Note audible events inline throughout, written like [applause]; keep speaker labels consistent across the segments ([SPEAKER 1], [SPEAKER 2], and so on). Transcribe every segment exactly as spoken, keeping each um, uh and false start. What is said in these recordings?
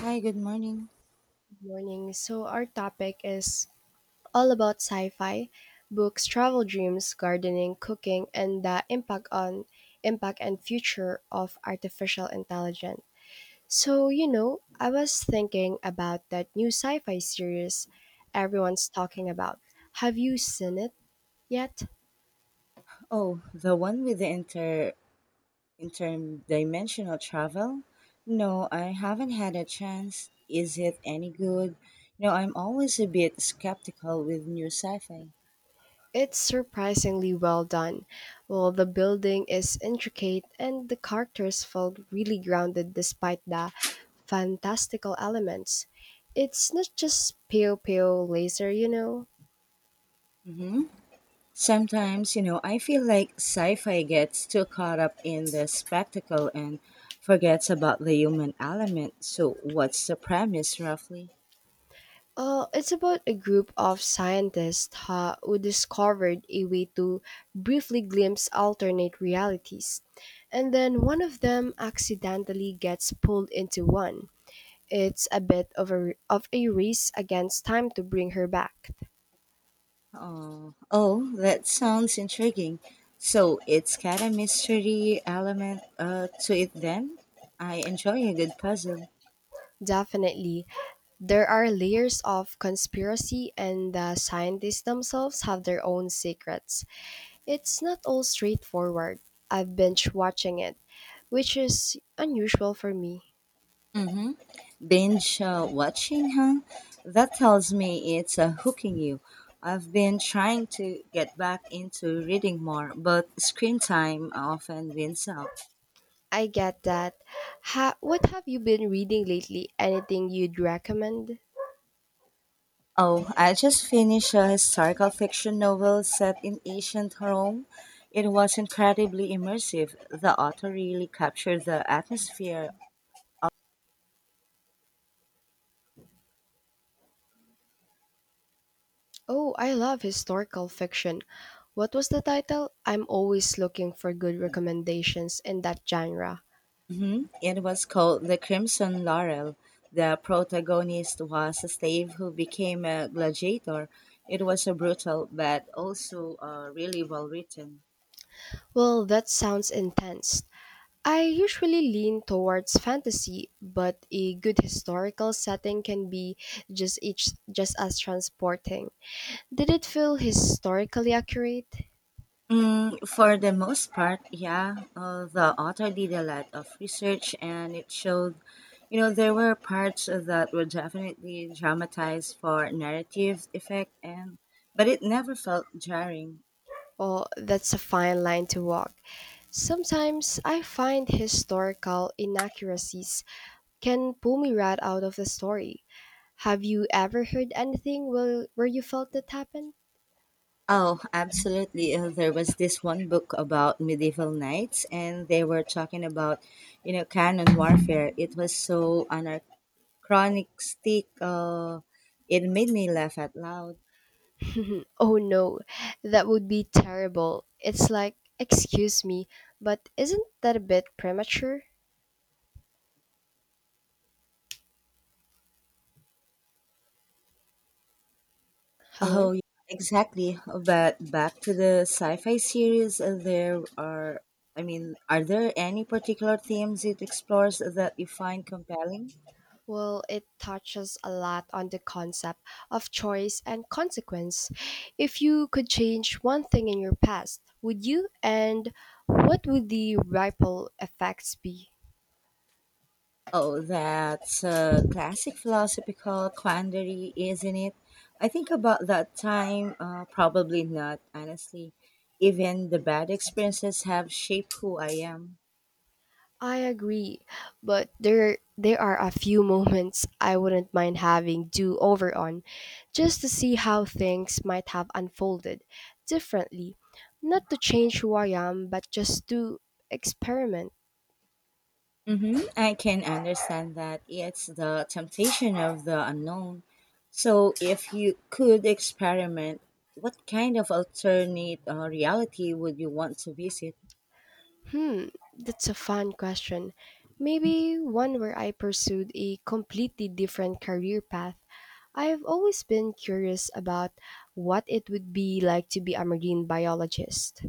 [SPEAKER 1] Hi, good morning.
[SPEAKER 2] Morning. So, our topic is all about sci fi books, travel dreams, gardening, cooking, and the impact on impact and future of artificial intelligence. So, you know, I was thinking about that new sci fi series everyone's talking about. Have you seen it yet?
[SPEAKER 1] Oh, the one with the inter interdimensional travel? No, I haven't had a chance. Is it any good? You know, I'm always a bit skeptical with new sci-fi.
[SPEAKER 2] It's surprisingly well done. Well, the building is intricate and the characters felt really grounded despite the fantastical elements. It's not just pale, pale laser, you know.
[SPEAKER 1] hmm Sometimes, you know, I feel like sci-fi gets too caught up in the spectacle and forgets about the human element. So, what's the premise roughly?
[SPEAKER 2] Uh, it's about a group of scientists ha- who discovered a way to briefly glimpse alternate realities, and then one of them accidentally gets pulled into one. It's a bit of a, of a race against time to bring her back.
[SPEAKER 1] Oh, oh, that sounds intriguing. So it's got a mystery element uh, to it then? I enjoy a good puzzle.
[SPEAKER 2] Definitely. There are layers of conspiracy, and the scientists themselves have their own secrets. It's not all straightforward. I've binge watching it, which is unusual for me.
[SPEAKER 1] Mm-hmm. Binge uh, watching, huh? That tells me it's uh, hooking you. I've been trying to get back into reading more, but screen time often wins out.
[SPEAKER 2] I get that. Ha- what have you been reading lately? Anything you'd recommend?
[SPEAKER 1] Oh, I just finished a historical fiction novel set in ancient Rome. It was incredibly immersive. The author really captured the atmosphere.
[SPEAKER 2] Oh, I love historical fiction. What was the title? I'm always looking for good recommendations in that genre.
[SPEAKER 1] Mhm. It was called The Crimson Laurel. The protagonist was a slave who became a gladiator. It was a brutal but also uh, really well written.
[SPEAKER 2] Well, that sounds intense. I usually lean towards fantasy, but a good historical setting can be just each, just as transporting. Did it feel historically accurate?
[SPEAKER 1] Mm, for the most part, yeah. Uh, the author did a lot of research and it showed, you know, there were parts that were definitely dramatized for narrative effect and but it never felt jarring.
[SPEAKER 2] Oh, that's a fine line to walk. Sometimes I find historical inaccuracies can pull me right out of the story. Have you ever heard anything where, where you felt that happened?
[SPEAKER 1] Oh, absolutely. Uh, there was this one book about medieval knights and they were talking about, you know, canon warfare. It was so anachronistic. Uh, it made me laugh out loud.
[SPEAKER 2] Mhm. Oh no, that would be terrible. It's like, excuse me, but isn't that a bit premature? Hello?
[SPEAKER 1] Oh, yeah, exactly. But back to the sci-fi series, uh, there are, I mean, are there any particular themes it explores that you find compelling?
[SPEAKER 2] Well, it touches a lot on the concept of choice and consequence. If you could change one thing in your past, would you? And what would the ripple effects be?
[SPEAKER 1] Oh, that's a classic philosophical quandary, isn't it? I think about that time, uh, probably not, honestly. Even the bad experiences have shaped who I am.
[SPEAKER 2] I agree, but there there are a few [laughs] moments I wouldn't mind having do over on just to see how things might have unfolded differently. Not to change who I am, but just to experiment.
[SPEAKER 1] Mm-hmm. I can understand that it's the temptation of the unknown. So, if you could experiment, what kind of alternate uh, reality would you want to visit?
[SPEAKER 2] Hmm, that's a fun question. Maybe one where I pursued a completely different career path. I've always been curious about what it would be like to be a marine biologist.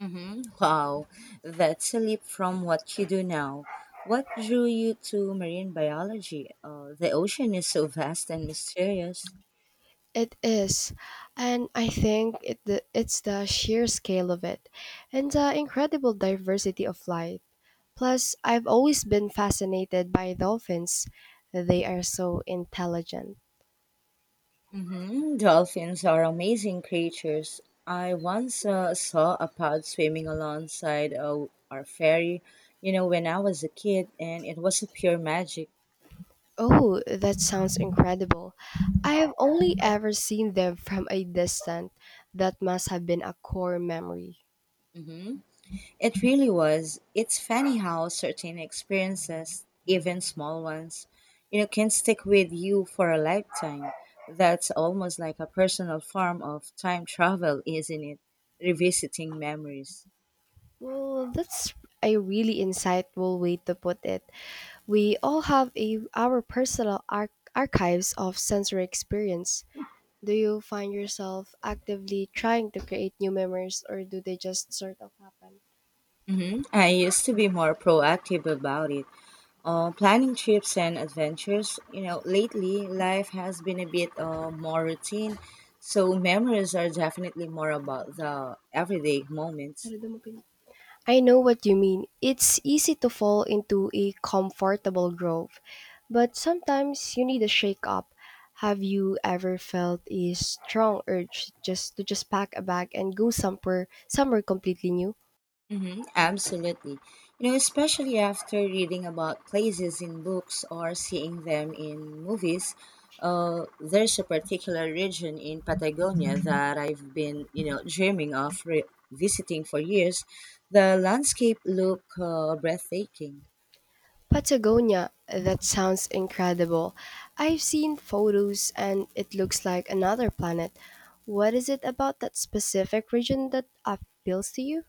[SPEAKER 1] Mm-hmm. Wow, that's a leap from what you do now. What drew you to marine biology? Uh, the ocean is so vast and mysterious.
[SPEAKER 2] It is, and I think it the, it's the sheer scale of it and the incredible diversity of life. Plus, I've always been fascinated by dolphins. They are so intelligent.
[SPEAKER 1] hmm Dolphins are amazing creatures. I once uh, saw a pod swimming alongside uh, our ferry, you know, when I was a kid, and it was a pure magic.
[SPEAKER 2] Oh, that sounds incredible. I have only ever seen them from a distance. That must have been a core memory.
[SPEAKER 1] hmm It really was. It's funny how certain experiences, even small ones, you know, can stick with you for a lifetime. That's almost like a personal form of time travel, isn't it? Revisiting memories.
[SPEAKER 2] Well, that's a really insightful way to put it. We all have a, our personal arch- archives of sensory experience. Do you find yourself actively trying to create new memories or do they just sort of happen?
[SPEAKER 1] hmm I used to be more proactive about it, uh, planning trips and adventures. You know, lately life has been a bit uh, more routine, so memories are definitely more about the everyday moments.
[SPEAKER 2] Sarado mo pin- I know what you mean. It's easy to fall into a comfortable groove, but sometimes you need a shake up. Have you ever felt a strong urge just to just pack a bag and go somewhere somewhere completely new?
[SPEAKER 1] Hmm absolutely. You know, especially after reading about places in books or seeing them in movies. Uh, there's a particular region in Patagonia that I've been, you know, dreaming of re- visiting for years. The landscape look uh, breathtaking.
[SPEAKER 2] Patagonia, that sounds incredible. I've seen photos and it looks like another planet. What is it about that specific region that appeals to you?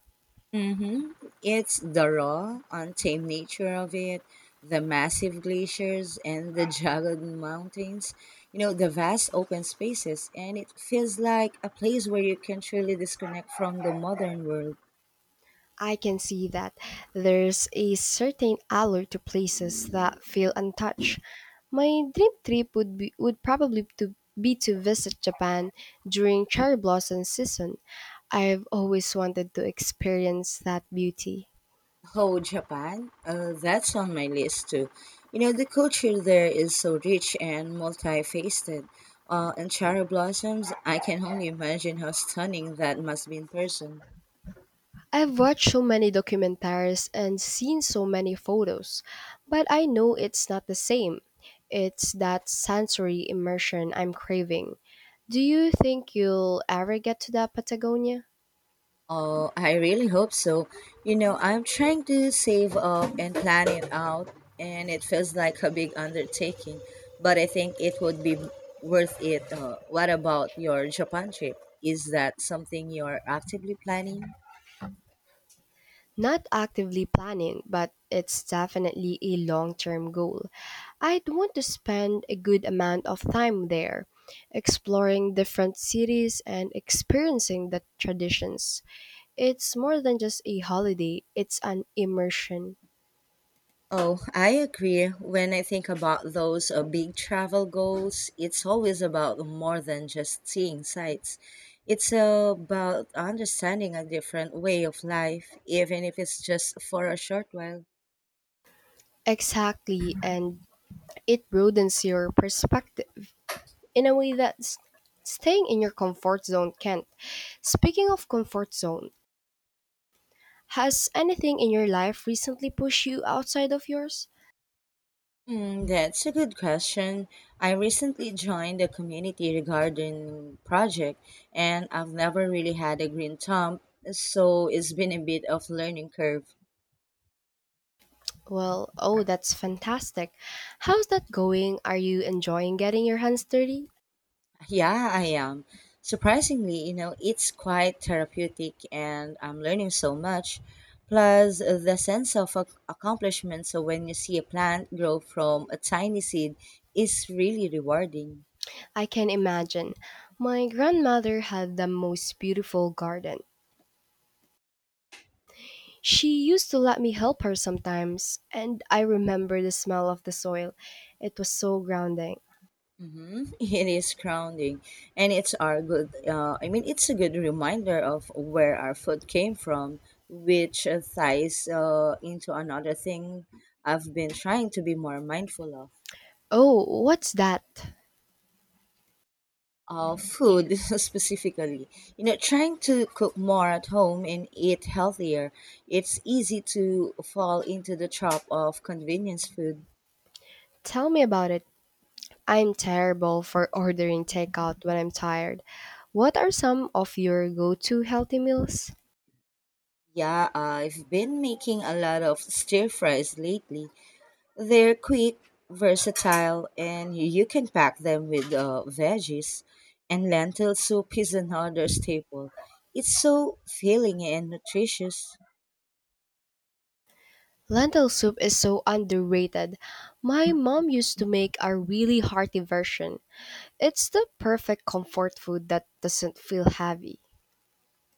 [SPEAKER 1] hmm It's the raw, untamed nature of it, the massive glaciers and the [laughs] jagged mountains, you know, the vast open spaces, and it feels like a place where you can truly disconnect from the modern world.
[SPEAKER 2] I can see that there's a certain allure to places that feel untouched. My dream trip would be would probably to be to visit Japan during cherry blossom season. I've always wanted to experience that beauty.
[SPEAKER 1] Oh, Japan, uh, that's on my list too. You know, the culture there is so rich and multifaceted. Uh, and cherry blossoms, I can only imagine how stunning that must be in person.
[SPEAKER 2] I've watched so many documentaries and seen so many photos, but I know it's not the same. It's that sensory immersion I'm craving. Do you think you'll ever get to that Patagonia?
[SPEAKER 1] Oh, I really hope so. You know, I'm trying to save up and plan it out, and it feels like a big undertaking, but I think it would be worth it. Uh, what about your Japan trip? Is that something you're actively planning?
[SPEAKER 2] Not actively planning, but it's definitely a long term goal. I'd want to spend a good amount of time there, exploring different cities and experiencing the traditions. It's more than just a holiday, it's an immersion.
[SPEAKER 1] Oh, I agree. When I think about those uh, big travel goals, it's always about more than just seeing sights. It's about understanding a different way of life, even if it's just for a short while.
[SPEAKER 2] Exactly, and it broadens your perspective in a way that's staying in your comfort zone can't. Speaking of comfort zone, has anything in your life recently pushed you outside of yours?
[SPEAKER 1] Mm, that's a good question. I recently joined a community garden project, and I've never really had a green thumb, so it's been a bit of learning curve.
[SPEAKER 2] Well, oh, that's fantastic. How's that going? Are you enjoying getting your hands dirty?
[SPEAKER 1] [laughs] Yeah, I am. Surprisingly, you know, it's quite therapeutic and I'm learning so much. Plus, uh, the sense of ac- accomplishment, so when you see a plant grow from a tiny seed, is really rewarding.
[SPEAKER 2] I can imagine. My grandmother had the most beautiful garden. She used to let me help her sometimes, and I remember the smell of the soil. It was so grounding.
[SPEAKER 1] Mhm. [laughs] It is grounding, and it's our good. Uh, I mean, it's a good reminder of where our food came from, which uh, ties uh, into another thing I've been trying to be more mindful of.
[SPEAKER 2] Oh, what's that?
[SPEAKER 1] Uh, food, [laughs] specifically, you know, trying to cook more at home and eat healthier. It's easy to fall into the trap of convenience food.
[SPEAKER 2] Tell me about it. I'm terrible for ordering takeout when I'm tired. What are some of your go to healthy meals?
[SPEAKER 1] Yeah, I've been making a lot of stir fries lately. They're quick, versatile, and you can pack them with uh, veggies. And lentil soup is another staple. It's so filling and nutritious.
[SPEAKER 2] Lentil soup is so underrated. My mom used to make a really hearty version. It's the perfect comfort food that doesn't feel heavy.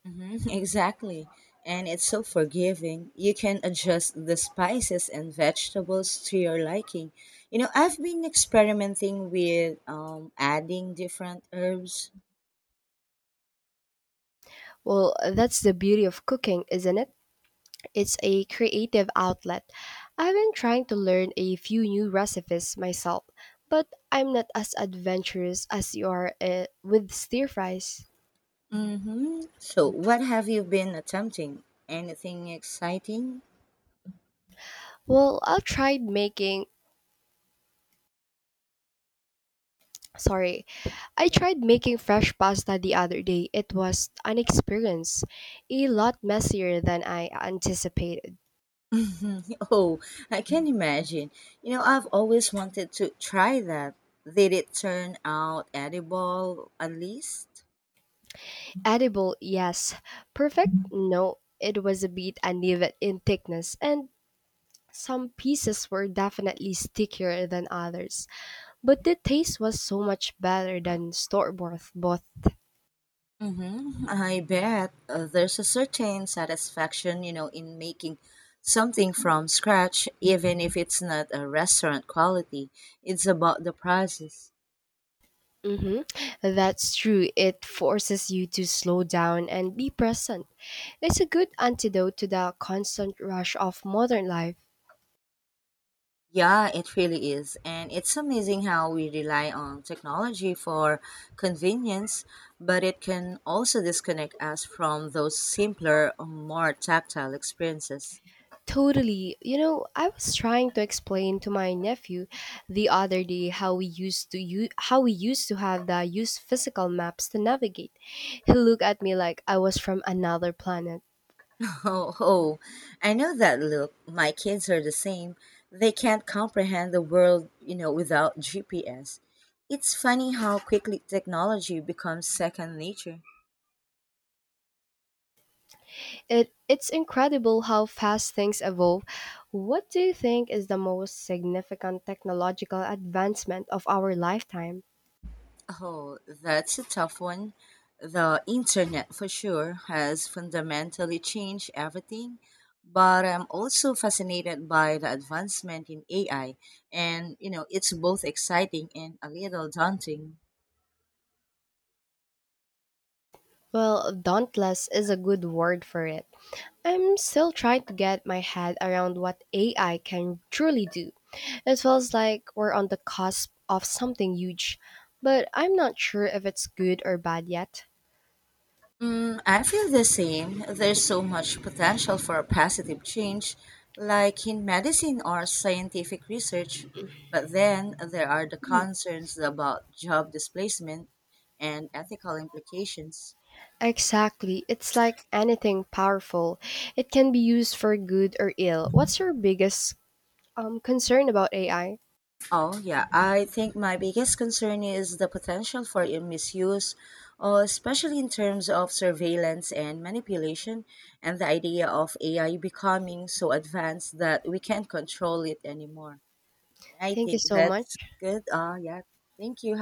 [SPEAKER 1] hmm [laughs] Exactly. And it's so forgiving. You can adjust the spices and vegetables to your liking. You know, I've been experimenting with um, adding different herbs.
[SPEAKER 2] Well, that's the beauty of cooking, isn't it? It's a creative outlet. I've been trying to learn a few new recipes myself, but I'm not as adventurous as you are uh, with stir fries.
[SPEAKER 1] hmm So, what have you been attempting? Anything exciting?
[SPEAKER 2] Well, I'll try making Sorry. I
[SPEAKER 1] Yeah.
[SPEAKER 2] tried making fresh pasta the other day. It was an experience, a lot messier than I anticipated.
[SPEAKER 1] [laughs] Oh, I can imagine. You know, I've always wanted to try that. Did it turn out edible at least?
[SPEAKER 2] Edible, yes. Perfect, no. It was a bit uneven in thickness, and some pieces were definitely stickier than others. But the taste was so much better than store bought.
[SPEAKER 1] Mm-hmm. I bet uh, there's a certain satisfaction, you know, in making something from scratch, even if it's not a restaurant quality. It's about the process.
[SPEAKER 2] hmm That's true. It forces you to slow down and be present. It's a good antidote to the constant rush of modern life.
[SPEAKER 1] Yeah, it really is. And it's amazing how we rely on technology for convenience, but it can also disconnect us from those simpler, more tactile experiences. [laughs]
[SPEAKER 2] Totally. You know, I was trying to explain to my nephew the other day how we used to use how we used to have the use physical maps to navigate. He looked at me like I was from another planet.
[SPEAKER 1] Oh, oh, I know that look. My kids are the same. They can't comprehend the world, you know, without G P S. It's funny how quickly technology becomes second nature.
[SPEAKER 2] It it's incredible how fast things evolve. What do you think is the most significant technological advancement of our lifetime?
[SPEAKER 1] Oh, that's a tough one. The internet for sure has fundamentally changed everything, but I'm also fascinated by the advancement in A I, and you know, it's both exciting and a little daunting.
[SPEAKER 2] Well, dauntless is a good word for it. I'm still trying to get my head around what A I can truly do. It feels like we're on the cusp of something huge, but I'm not sure if it's good or bad yet.
[SPEAKER 1] Mm, I feel the same. There's so much potential for positive change, like in medicine or scientific research. But then there are the concerns about job displacement and ethical implications.
[SPEAKER 2] Exactly. It's like anything powerful. It can be used for good or ill. What's your biggest um, concern about A I.
[SPEAKER 1] Oh, yeah. I think my biggest concern is the potential for i- misuse, uh, especially in terms of surveillance and manipulation, and the idea of A I becoming so advanced that we can't control it anymore. I
[SPEAKER 2] Thank you
[SPEAKER 1] think
[SPEAKER 2] so
[SPEAKER 1] that's
[SPEAKER 2] much.
[SPEAKER 1] good. Uh, yeah. Thank you.